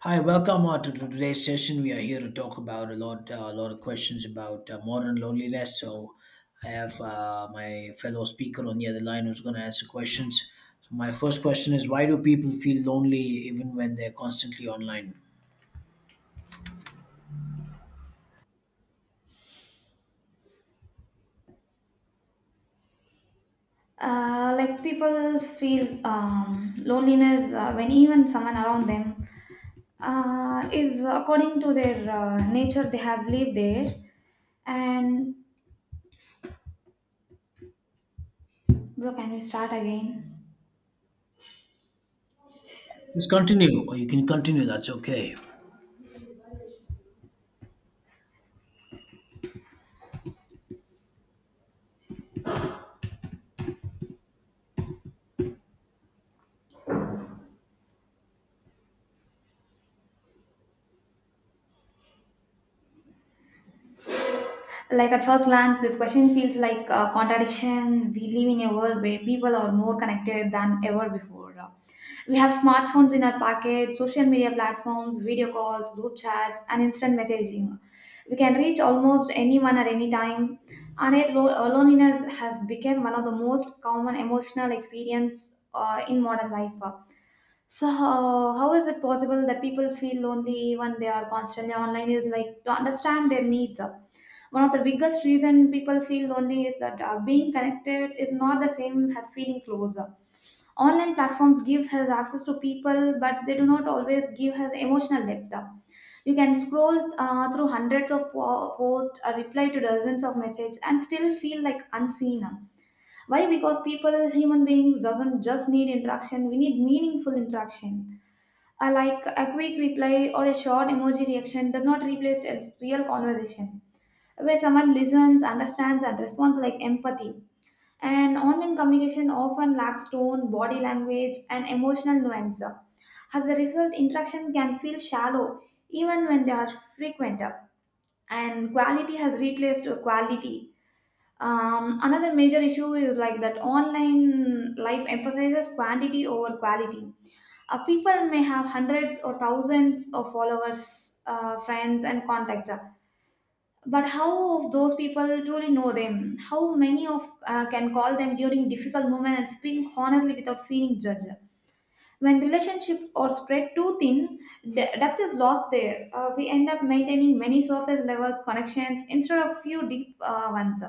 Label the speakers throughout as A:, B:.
A: Hi, welcome to today's session. We are here to talk about a lot of questions about modern loneliness. I have my fellow speaker on the other line who's going to answer questions. So, my first question is: Why do people feel lonely even when they're constantly online?
B: Like people feel loneliness when even someone around them is according to their nature they have lived there and bro can we start again.
A: Just continue, or you can continue. That's okay.
B: Like at first glance, this question feels like a contradiction. We live in a world where people are more connected than ever before. We have smartphones in our pocket, social media platforms, video calls, group chats, and instant messaging. We can reach almost anyone at any time, and yet loneliness has become one of the most common emotional experience in modern life. So how is it possible that people feel lonely when they are constantly online is like to understand their needs. One of the biggest reason people feel lonely is that being connected is not the same as feeling closer. Online platforms gives us access to people, but they do not always give us emotional depth. You can scroll through hundreds of posts, reply to dozens of messages, and still feel like unseen. Why? Because people, human beings, doesn't just need interaction. We need meaningful interaction, a like a quick reply or a short emoji reaction does not replace a real conversation where someone listens, understands, and responds like empathy. And online communication often lacks tone, body language, and emotional nuance. As a result, interaction can feel shallow even when they are frequent. And quality has replaced quality. Another major issue is like that online life emphasizes quantity over quality, people may have hundreds or thousands of followers, friends, and contacts, but how of those people truly know them? How many of can call them during difficult moments and speak honestly without feeling judged? When relationships are spread too thin, depth is lost there. We end up maintaining many surface levels connections instead of few deep ones.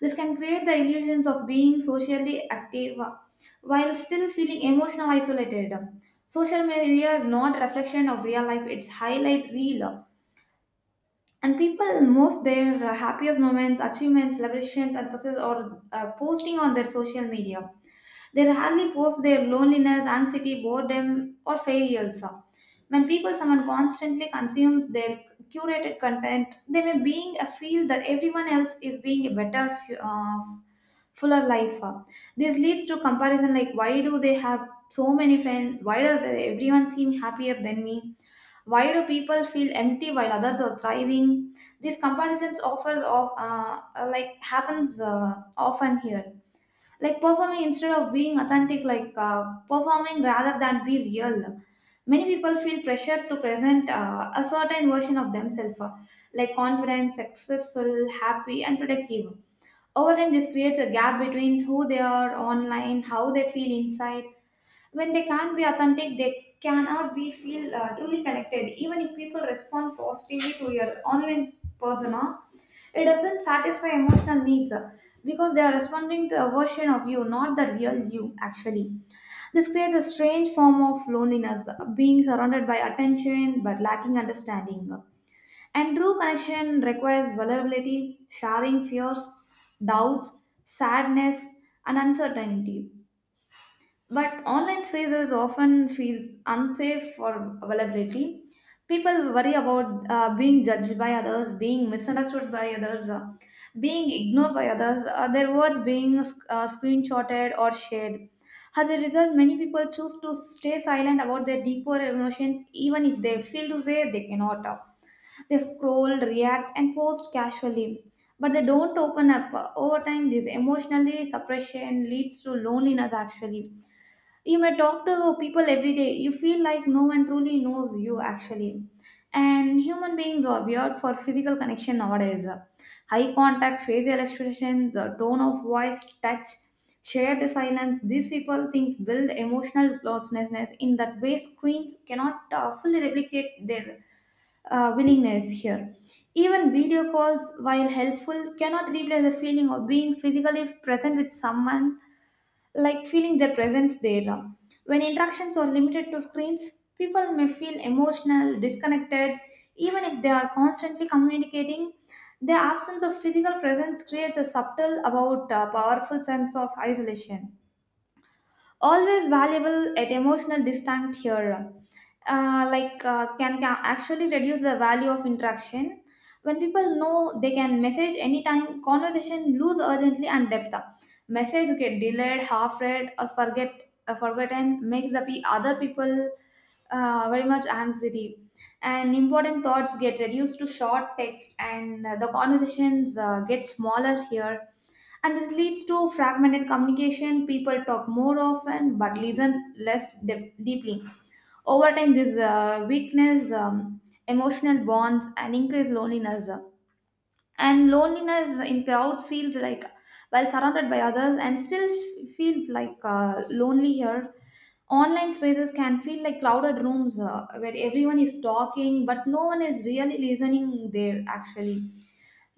B: This can create the illusions of being socially active, while still feeling emotional isolated. Social media is not a reflection of real life, it's highlight reel. And people most their happiest moments, achievements, celebrations and success are posting on their social media. They rarely post their loneliness, anxiety, boredom, or failures. When people someone constantly consumes their curated content, they may being a feel that everyone else is being a better, fuller life. This leads to comparison like why do they have so many friends? Why does everyone seem happier than me? Why do people feel empty while others are thriving? These comparisons offers of like happens often here, like performing instead of being authentic, like performing rather than be real. Many people feel pressure to present a certain version of themselves, like confident, successful, happy and productive. Over time this creates a gap between who they are online how they feel inside. When they can't be authentic, they cannot be feel truly connected. Even if people respond positively to your online persona, it doesn't satisfy emotional needs, because they are responding to a version of you, not the real you, actually. This creates a strange form of loneliness, being surrounded by attention but lacking understanding. And true connection requires vulnerability, sharing fears, doubts, sadness, and uncertainty. But online spaces often feels unsafe for availability. People worry about being judged by others, being misunderstood by others, being ignored by others, their words being screenshotted or shared. As a result, many people choose to stay silent about their deeper emotions even if they feel to say they cannot. They scroll, react, and post casually, but they don't open up. Over time, this emotionally suppression leads to loneliness, actually you may talk to people every day. You feel like no one truly knows you, actually. And human beings are weird for physical connection nowadays. Eye contact, facial expression, the tone of voice, touch, shared silence. These people things build emotional closeness in that way screens cannot fully replicate their willingness here. Even video calls, while helpful, cannot replace the feeling of being physically present with someone, like feeling their presence there. When interactions are limited to screens, people may feel emotional, disconnected, even if they are constantly communicating. The absence of physical presence creates a subtle, about powerful sense of isolation, always valuable at emotional distant here, like can actually reduce the value of interaction. When people know they can message anytime conversation lose urgently and depth, message get delayed, half read or forget forgotten, makes the other people very much anxiety, and important thoughts get reduced to short text, and the conversations get smaller here, and this leads to fragmented communication. People talk more often but listen less deeply. Over time, this weakness, emotional bonds, and increased loneliness. And loneliness in crowds feels like, while surrounded by others, and still feels like lonely here. Online spaces can feel like crowded rooms where everyone is talking, but no one is really listening there. Actually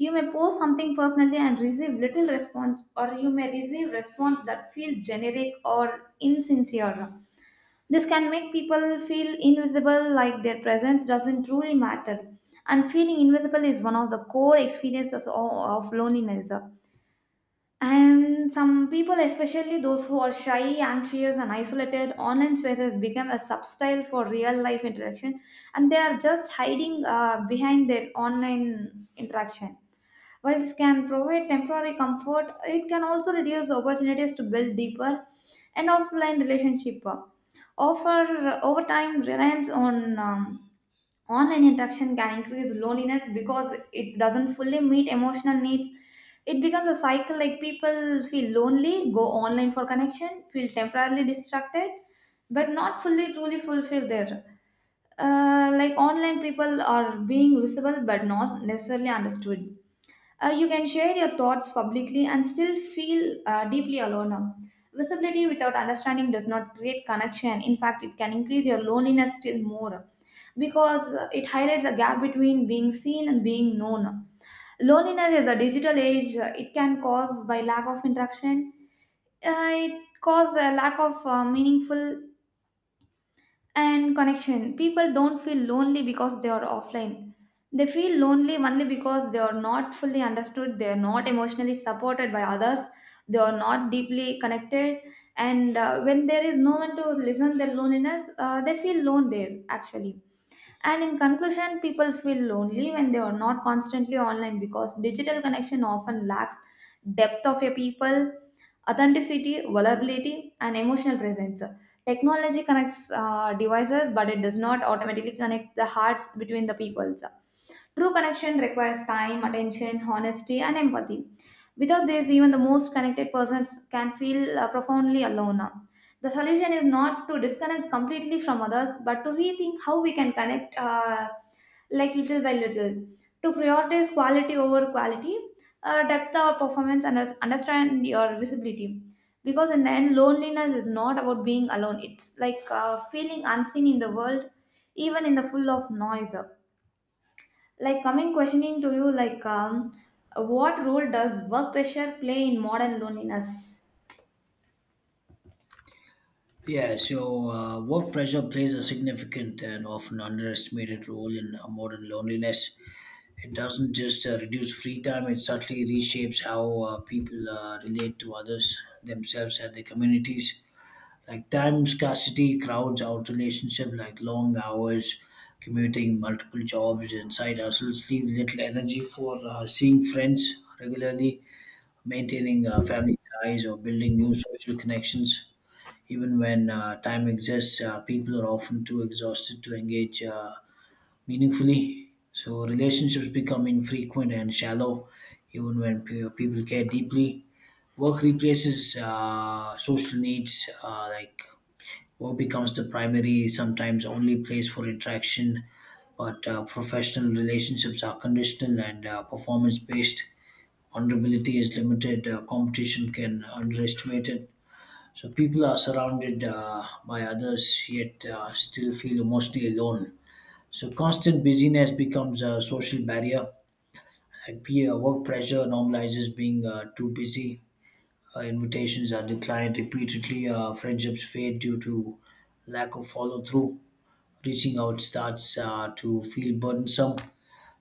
B: you may post something personally and receive little response, or you may receive response that feel generic or insincere. This can make people feel invisible, like their presence doesn't truly matter. And feeling invisible is one of the core experiences of loneliness. And some people, especially those who are shy, anxious, and isolated, online spaces become a substyle for real life interaction, and they are just hiding behind their online interaction. While this can provide temporary comfort, it can also reduce opportunities to build deeper and offline relationship. Over time, reliance on online interaction can increase loneliness because it doesn't fully meet emotional needs. It becomes a cycle like people feel lonely, go online for connection, feel temporarily distracted, but not fully truly fulfilled there. Like online people are being visible but not necessarily understood, you can share your thoughts publicly and still feel deeply alone now. Visibility without understanding does not create connection. In fact, it can increase your loneliness still more because it highlights a gap between being seen and being known. Loneliness is a digital age. It can cause by lack of interaction. It causes a lack of meaningful and connection. People don't feel lonely because they are offline, they feel lonely only because they are not fully understood, they are not emotionally supported by others, they are not deeply connected, and when there is no one to listen their loneliness they feel lone there actually. And in conclusion, people feel lonely when they are not constantly online because digital connection often lacks depth of a people, authenticity, vulnerability, and emotional presence. Technology connects devices, but it does not automatically connect the hearts between the peoples. True connection requires time, attention, honesty, and empathy. Without this, even the most connected persons can feel profoundly alone. The solution is not to disconnect completely from others, but to rethink how we can connect, like little by little, to prioritize quality over quality, depth or performance, and understand your visibility. Because in the end, loneliness is not about being alone. It's like feeling unseen in the world, even in the full of noise. Like coming questioning to you, like what role does work pressure play in modern loneliness?
A: Yeah, so work pressure plays a significant and often underestimated role in modern loneliness. It doesn't just reduce free time, it subtly reshapes how people relate to others, themselves, and their communities. Like time scarcity crowds out relationship, like long hours, commuting, multiple jobs, and side hustles leave little energy for seeing friends regularly, maintaining family ties, or building new social connections even when time exists. People are often too exhausted to engage meaningfully. So relationships become infrequent and shallow, even when people care deeply. Work replaces social needs, like work becomes the primary, sometimes only place for interaction. But professional relationships are conditional and performance based. Vulnerability is limited, competition can underestimate it, so people are surrounded by others, yet still feel emotionally alone. So constant busyness becomes a social barrier. Like peer work pressure normalizes being too busy. Invitations are declined repeatedly. Friendships fade due to lack of follow through. Reaching out starts to feel burdensome.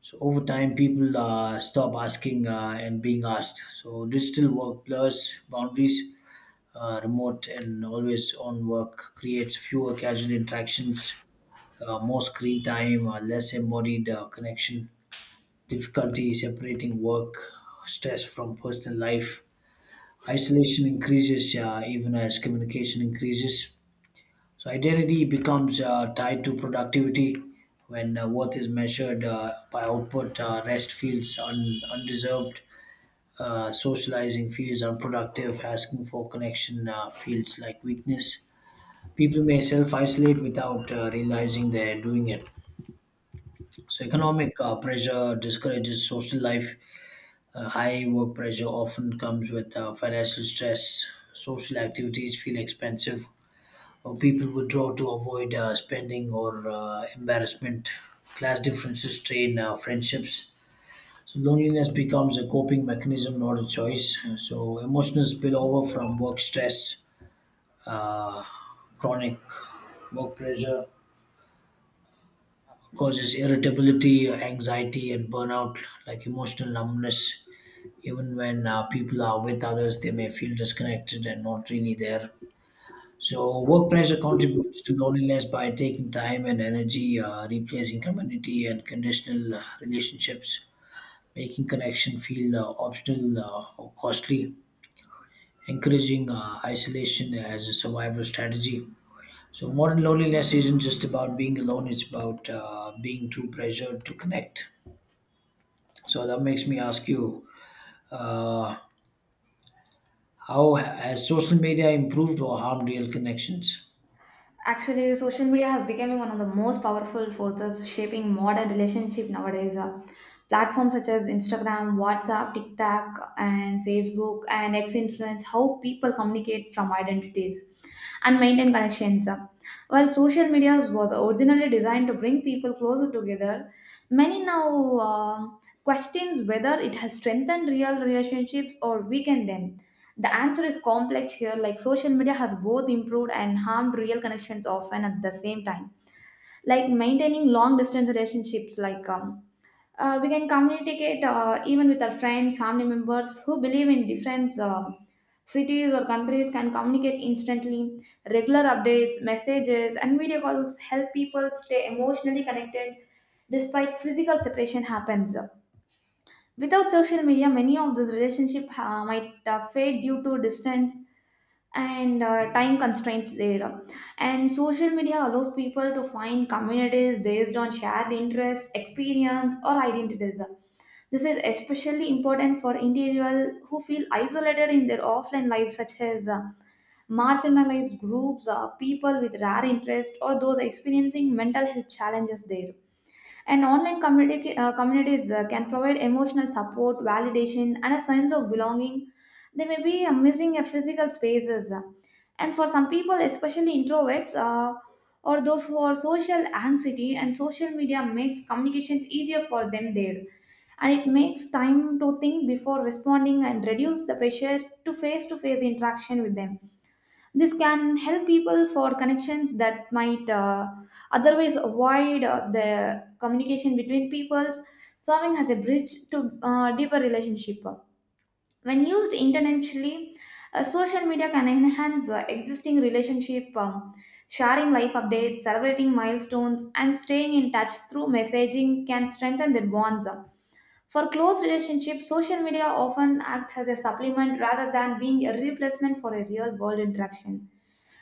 A: So over time, people stop asking and being asked. So digital work blurs boundaries, remote and always on work creates fewer casual interactions, more screen time, less embodied connection, difficulty separating work stress from personal life. Isolation increases even as communication increases. So, identity becomes tied to productivity. When worth is measured by output, rest feels undeserved. Socializing feels unproductive. Asking for connection feels like weakness. People may self-isolate without realizing they're doing it. So economic pressure discourages social life. High work pressure often comes with financial stress. Social activities feel expensive, or people withdraw to avoid spending or embarrassment. Class differences strain friendships. So loneliness becomes a coping mechanism, not a choice. So emotional spillover from work stress, uh, chronic work pressure causes irritability, anxiety, and burnout, like emotional numbness. Even when people are with others, they may feel disconnected and not really there. So, work pressure contributes to loneliness by taking time and energy, replacing community and conditional relationships, making connection feel optional or costly, encouraging isolation as a survival strategy. So, modern loneliness isn't just about being alone, it's about being too pressured to connect. So that makes me ask you, uh, how has social media improved or harmed real connections?
B: Actually, social media has become one of the most powerful forces shaping modern relationship nowadays. Platforms such as Instagram, WhatsApp, TikTok, and Facebook and X influence how people communicate from identities and maintain connections. While social media was originally designed to bring people closer together, many now questions whether it has strengthened real relationships or weakened them. The answer is complex here, like social media has both improved and harmed real connections, often at the same time. Like maintaining long distance relationships, like we can communicate even with our friends, family members who believe in different cities or countries can communicate instantly. Regular updates, messages, and video calls help people stay emotionally connected despite physical separation happens. Without social media, many of these relationships might fade due to distance and time constraints there. And social media allows people to find communities based on shared interests, experience, or identities. This is especially important for individuals who feel isolated in their offline life, such as marginalized groups, people with rare interests, or those experiencing mental health challenges there. And online communities can provide emotional support, validation, and a sense of belonging. They may be missing a physical spaces. And for some people, especially introverts or those who are social anxiety, and social media makes communications easier for them there. And it makes time to think before responding and reduce the pressure to face interaction with them. This can help people for connections that might otherwise avoid the communication between peoples, serving as a bridge to deeper relationship. When used intentionally, social media can enhance existing relationship, sharing life updates, celebrating milestones, and staying in touch through messaging can strengthen their bonds. For close relationships, social media often acts as a supplement rather than being a replacement for a real world interaction.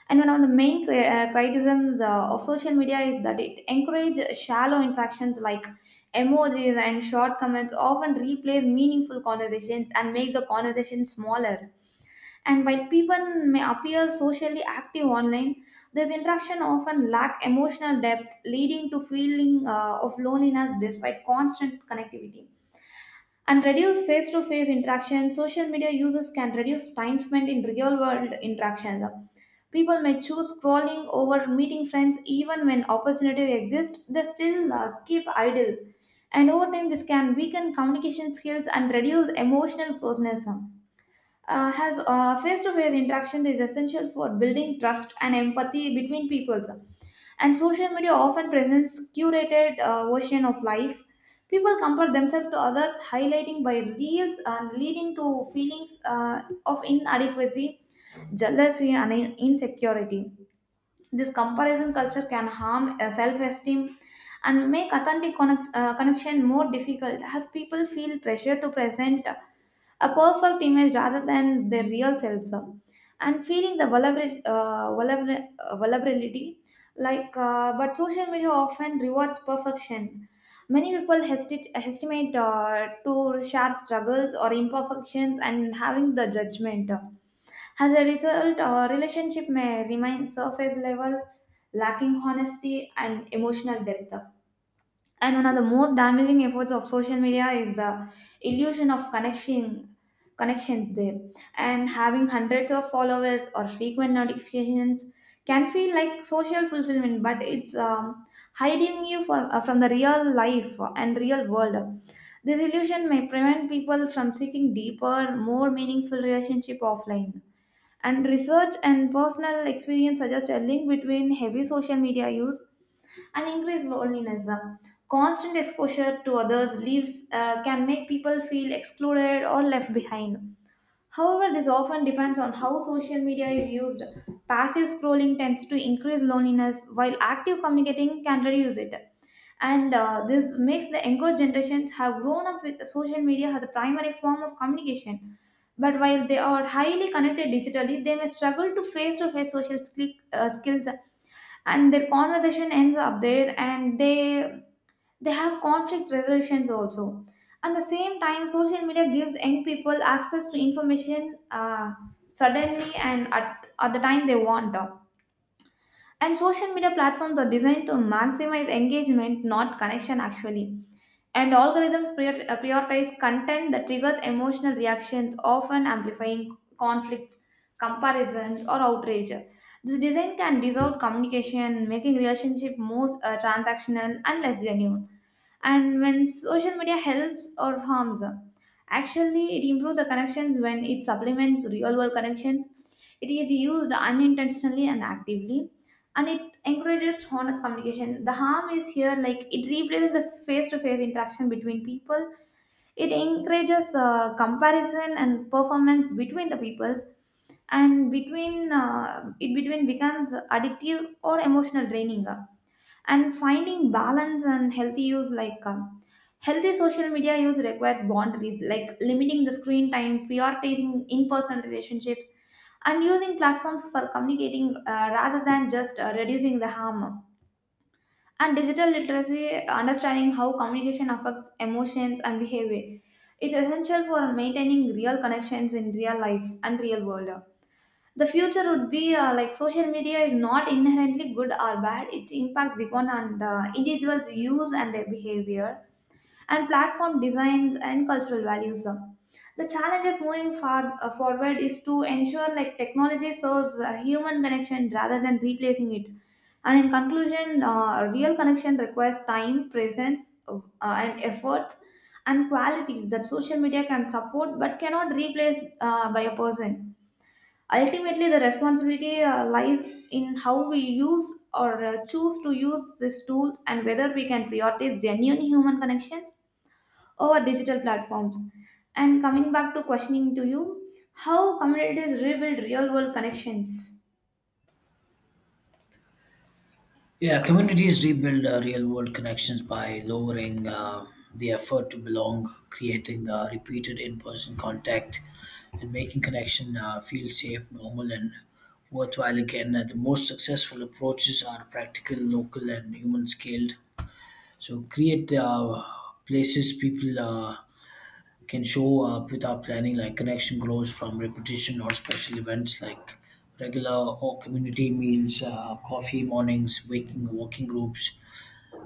B: And one of the main criticisms of social media is that it encourages shallow interactions like emojis and short comments, often replace meaningful conversations and make the conversation smaller. And while people may appear socially active online, this interaction often lack emotional depth, leading to feeling of loneliness despite constant connectivity and reduce face to face interaction social media users can reduce time spent in real world interactions. People may choose scrolling over meeting friends even when opportunities exist. They still keep idle, and over time this can weaken communication skills and reduce emotional closeness. Has Face-to-face interaction is essential for building trust and empathy between peoples, and social media often presents curated version of life. People compare themselves to others highlighting by reels and leading to feelings of inadequacy, jealousy, and insecurity. This comparison culture can harm self-esteem and make authentic connection more difficult as people feel pressure to present a perfect image rather than their real selves. And feeling the vulnerability, like but social media often rewards perfection. Many people hesitate, estimate to share struggles or imperfections and having the judgment. As a result, our relationship may remain surface level, lacking honesty and emotional depth. And one of the most damaging efforts of social media is the illusion of connection connections there. And having hundreds of followers or frequent notifications can feel like social fulfillment, but it's hiding you from the real life and real world. This illusion may prevent people from seeking deeper, more meaningful relationship offline. And research and personal experience suggest a link between heavy social media use and increase loneliness. Constant exposure to others leaves can make people feel excluded or left behind. However, this often depends on how social media is used. Passive scrolling tends to increase loneliness, while active communicating can reduce it. And this makes the younger generations have grown up with social media as a primary form of communication. But while they are highly connected digitally, they may struggle to face social skills, and their conversation ends up there, and they have conflict resolutions also. At the same time, social media gives young people access to information suddenly and at the time they want. And social media platforms are designed to maximize engagement not connection actually, and algorithms prioritize content that triggers emotional reactions often amplifying conflicts, comparisons, or outrage. This design can dissolve communication making relationship more transactional and less genuine. And when social media helps or harms, actually it improves the connections when it supplements real world connections. It is used unintentionally and actively, and it encourages honest communication. The harm is here like it replaces the face-to-face interaction between people. It encourages comparison and performance between the peoples, and between it between becomes addictive or emotional draining. And finding balance and healthy use, like healthy social media use requires boundaries like limiting the screen time, prioritizing in-person relationships, and using platforms for communicating rather than just reducing the harm. And digital literacy, understanding how communication affects emotions and behavior, it's essential for maintaining real connections in real life and real world. The future would be like social media is not inherently good or bad. It impacts upon and individuals use and their behavior and platform designs and cultural values. The challenge is moving forward is to ensure like technology serves human connection rather than replacing it. And in conclusion, real connection requires time, presence, and effort, and qualities that social media can support but cannot replace by a person. Ultimately, the responsibility lies in how we use or choose to use these tools and whether we can prioritize genuine human connections over digital platforms. And coming back to questioning to you, how communities rebuild real world connections?
A: Yeah, communities rebuild real world connections by lowering the effort to belong, creating repeated in person contact, and making connection feel safe, normal, and worthwhile again. The most successful approaches are practical, local, and human scaled. So create places people can show up without planning. Like connection grows from repetition or special events, like regular or community meals, coffee mornings, waking working groups,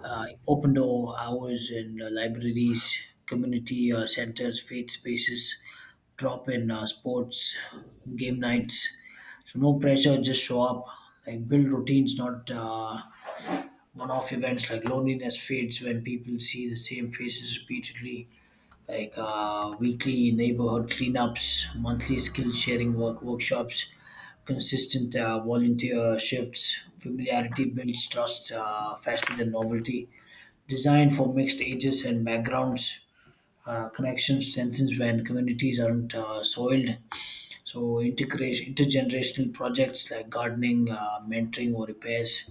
A: open door hours in libraries, community centers, faith spaces, drop in sports, game nights. So no pressure, just show up. Like build routines, not one-off events. Like loneliness fades when people see the same faces repeatedly, like weekly neighborhood cleanups, monthly skill sharing work workshops, consistent volunteer shifts. Familiarity builds trust faster than novelty. Designed for mixed ages and backgrounds. Connection strengthens when communities aren't soiled. So integration, intergenerational projects like gardening, mentoring, or repairs.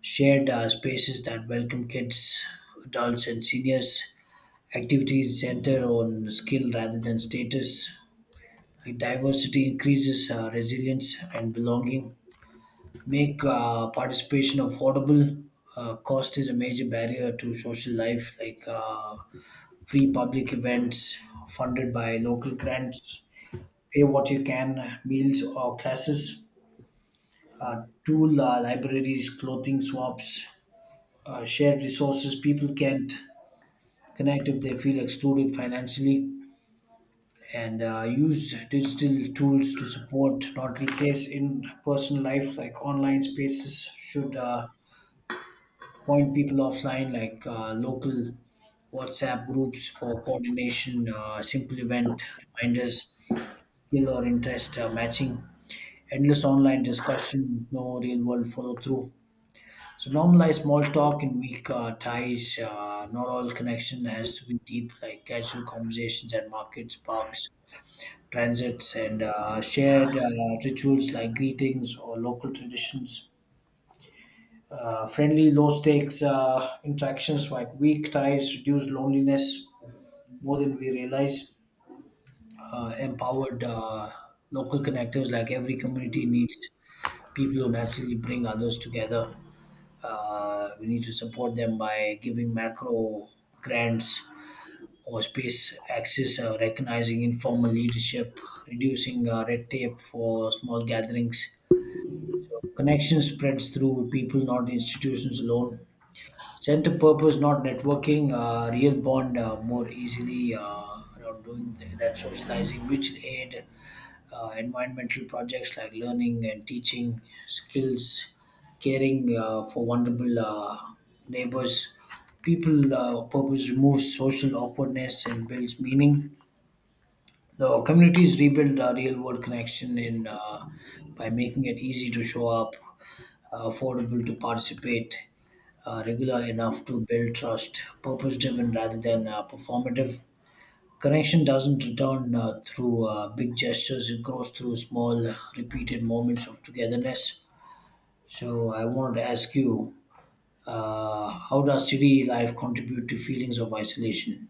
A: Shared spaces that welcome kids, adults, and seniors. Activities center on skill rather than status. Like diversity increases resilience and belonging. Make participation affordable. Cost is a major barrier to social life, like free public events funded by local grants. Pay what you can, meals or classes. Tool libraries, clothing swaps, shared resources. People can't connect if they feel excluded financially, and use digital tools to support, not replace in person life. Like online spaces should point people offline, like local WhatsApp groups for coordination, simple event reminders, skill or interest matching, endless online discussion, no real world follow through. So normalize small talk and weak ties. Not all connection has to be deep, like casual conversations at markets, parks, transits, and shared rituals like greetings or local traditions. Friendly, low stakes interactions like weak ties reduce loneliness more than we realize. Empowered local connectors, like every community needs people who naturally bring others together. We need to support them by giving macro grants or space access, recognizing informal leadership, reducing red tape for small gatherings. So connection spreads through people, not institutions alone. Center purpose, not networking. Real bond more easily around doing that socializing, mutual aid, environmental projects like learning and teaching, skills, caring for vulnerable neighbors. People purpose removes social awkwardness and builds meaning. The communities rebuild a real world connection in by making it easy to show up, affordable to participate, regular enough to build trust, purpose driven rather than performative. Connection doesn't return through big gestures, it grows through small repeated moments of togetherness. So I wanted to ask you, how does city life contribute to feelings of isolation?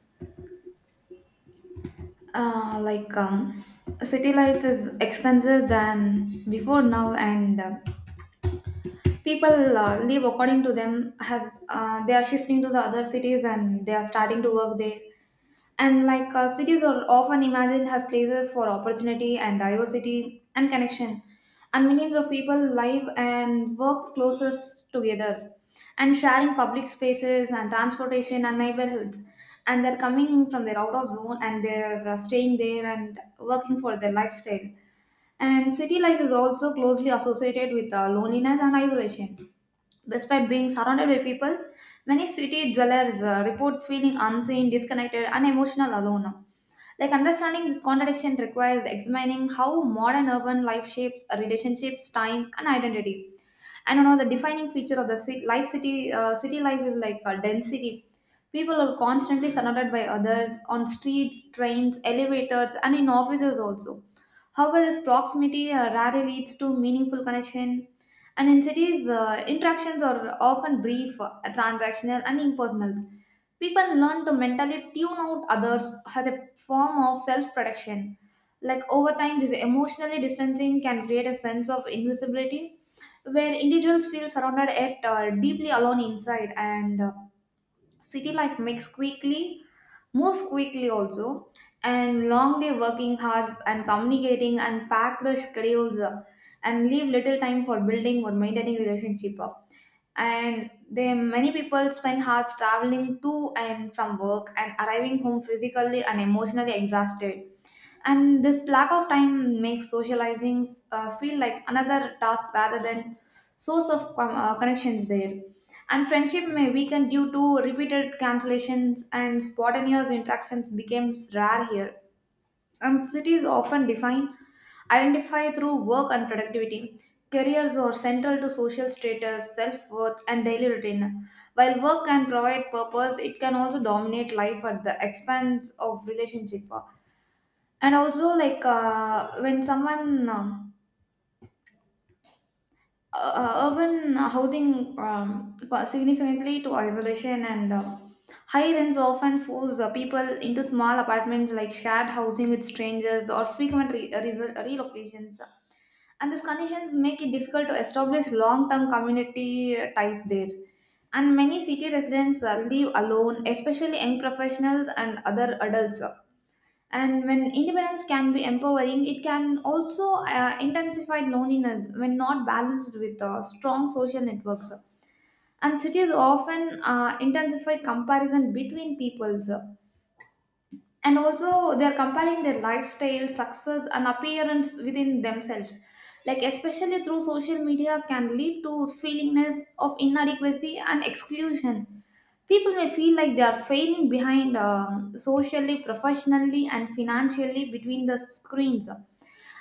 B: Like, city life is expensive than before now, and people live according to them has they are shifting to the other cities and they are starting to work there. And like cities are often imagined as places for opportunity and diversity and connection, and millions of people live and work closest together and sharing public spaces and transportation and neighborhoods. And they're coming from their out of zone and they're staying there and working for their lifestyle. And city life is also closely associated with loneliness and isolation. Despite being surrounded by people, many city dwellers report feeling unseen, disconnected, and emotional alone. Like understanding this contradiction requires examining how modern urban life shapes relationships, time, and identity. And the defining feature of the city life is like a density. People are constantly surrounded by others on streets, trains, elevators, and in offices also. However, this proximity rarely leads to meaningful connection, and in cities, interactions are often brief, transactional, and impersonal. People learn to mentally tune out others as a form of self protection. Like over time, this emotionally distancing can create a sense of invisibility where individuals feel surrounded yet deeply alone inside. And city life makes quickly moves quickly also, and long day working hours and communicating and packed schedules and leave little time for building or maintaining relationship. And they, many people spend hours traveling to and from work and arriving home physically and emotionally exhausted, and this lack of time makes socializing feel like another task rather than source of connections there. And friendship may weaken due to repeated cancellations, and spontaneous interactions becomes rare here. And cities often identify through work and productivity. Careers are central to social status, self worth, and daily routine. While work can provide purpose, it can also dominate life at the expense of relationship. And also, like when someone urban housing significantly to isolation, and high rents often force people into small apartments, like shared housing with strangers or frequent relocations. And these conditions make it difficult to establish long-term community ties there. And many city residents live alone, especially young professionals and other adults. And when independence can be empowering, it can also intensify loneliness when not balanced with strong social networks. And cities often intensify comparison between peoples, and also they are comparing their lifestyle, success, and appearance within themselves, like especially through social media, can lead to feelingness of inadequacy and exclusion. People may feel like they are failing behind, socially, professionally, and financially between the screens.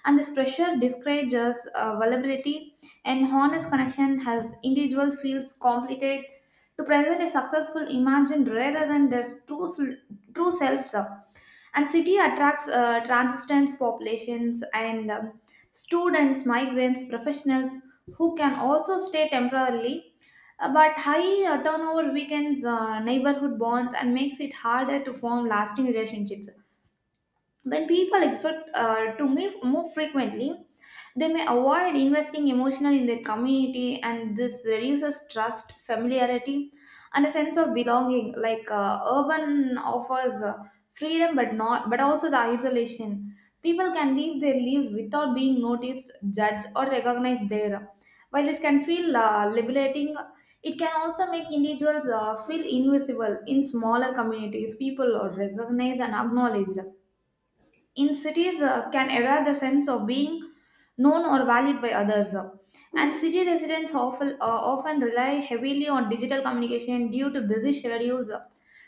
B: And this pressure discourages vulnerability and honest connection. Has individuals feels completed to present a successful imagined rather than their true selves. And city attracts transistence populations and, students, migrants, professionals who can also stay temporarily. But high turnover weakens neighborhood bonds and makes it harder to form lasting relationships. When people expect move frequently, they may avoid investing emotionally in their community, and this reduces trust, familiarity, and a sense of belonging. Like urban offers freedom, but not but also the isolation. People can live their lives without being noticed, judged, or recognized there. While this can feel liberating, it can also make individuals feel invisible. In smaller communities, people are recognized and acknowledged. In cities, can erode the sense of being known or valued by others. And city residents often rely heavily on digital communication due to busy schedules.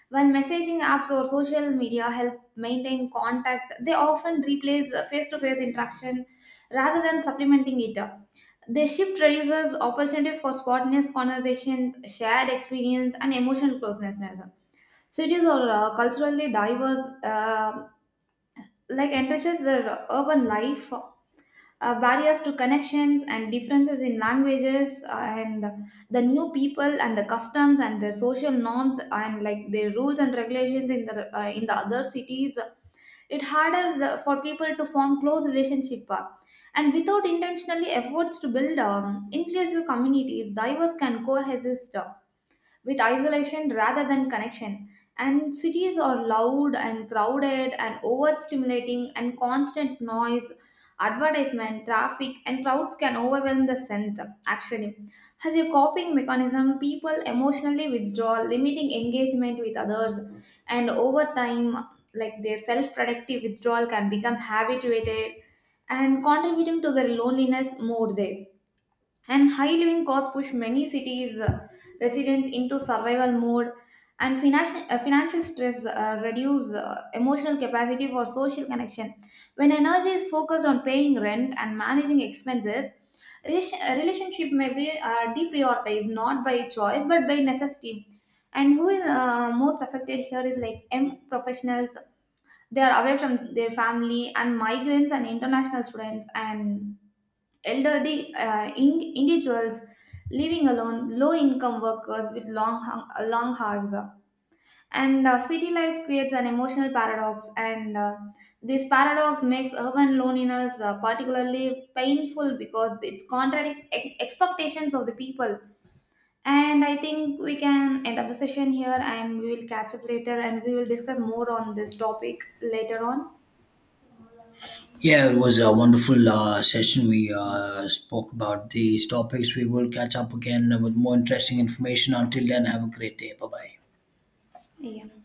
B: While messaging apps or social media help maintain contact, they often replace face to face interaction rather than supplementing it. The shift reduces opportunities for spontaneous conversation, shared experience, and emotional closeness. Cities are culturally diverse. Like entrenches the urban life, barriers to connections and differences in languages and the new people and the customs and their social norms and like their rules and regulations in the other cities, it harder for people to form close relationship. And without intentionally efforts to build inclusive communities, divers can coexist with isolation rather than connection. And cities are loud and crowded and overstimulating, and constant noise, advertisement, traffic, and crowds can overwhelm the sense. Actually, as a coping mechanism, people emotionally withdraw, limiting engagement with others, and over time, like their self-productive withdrawal can become habituated and contributing to their loneliness more there. And high living costs push many cities residents into survival mode, and financial stress reduce emotional capacity for social connection. When energy is focused on paying rent and managing expenses, relationship may be deprioritized not by choice but by necessity. And who is most affected here is like m professionals. They are away from their family, and migrants and international students, and elderly individuals living alone, low income workers with long hours. And city life creates an emotional paradox, and this paradox makes urban loneliness particularly painful because it contradicts expectations of the people. And I think we can end up the session here, and we will catch up later and we will discuss more on this topic later on.
A: Yeah, it was a wonderful session. We spoke about these topics. We will catch up again with more interesting information. Until then, have a great day. Bye bye.
B: Yeah.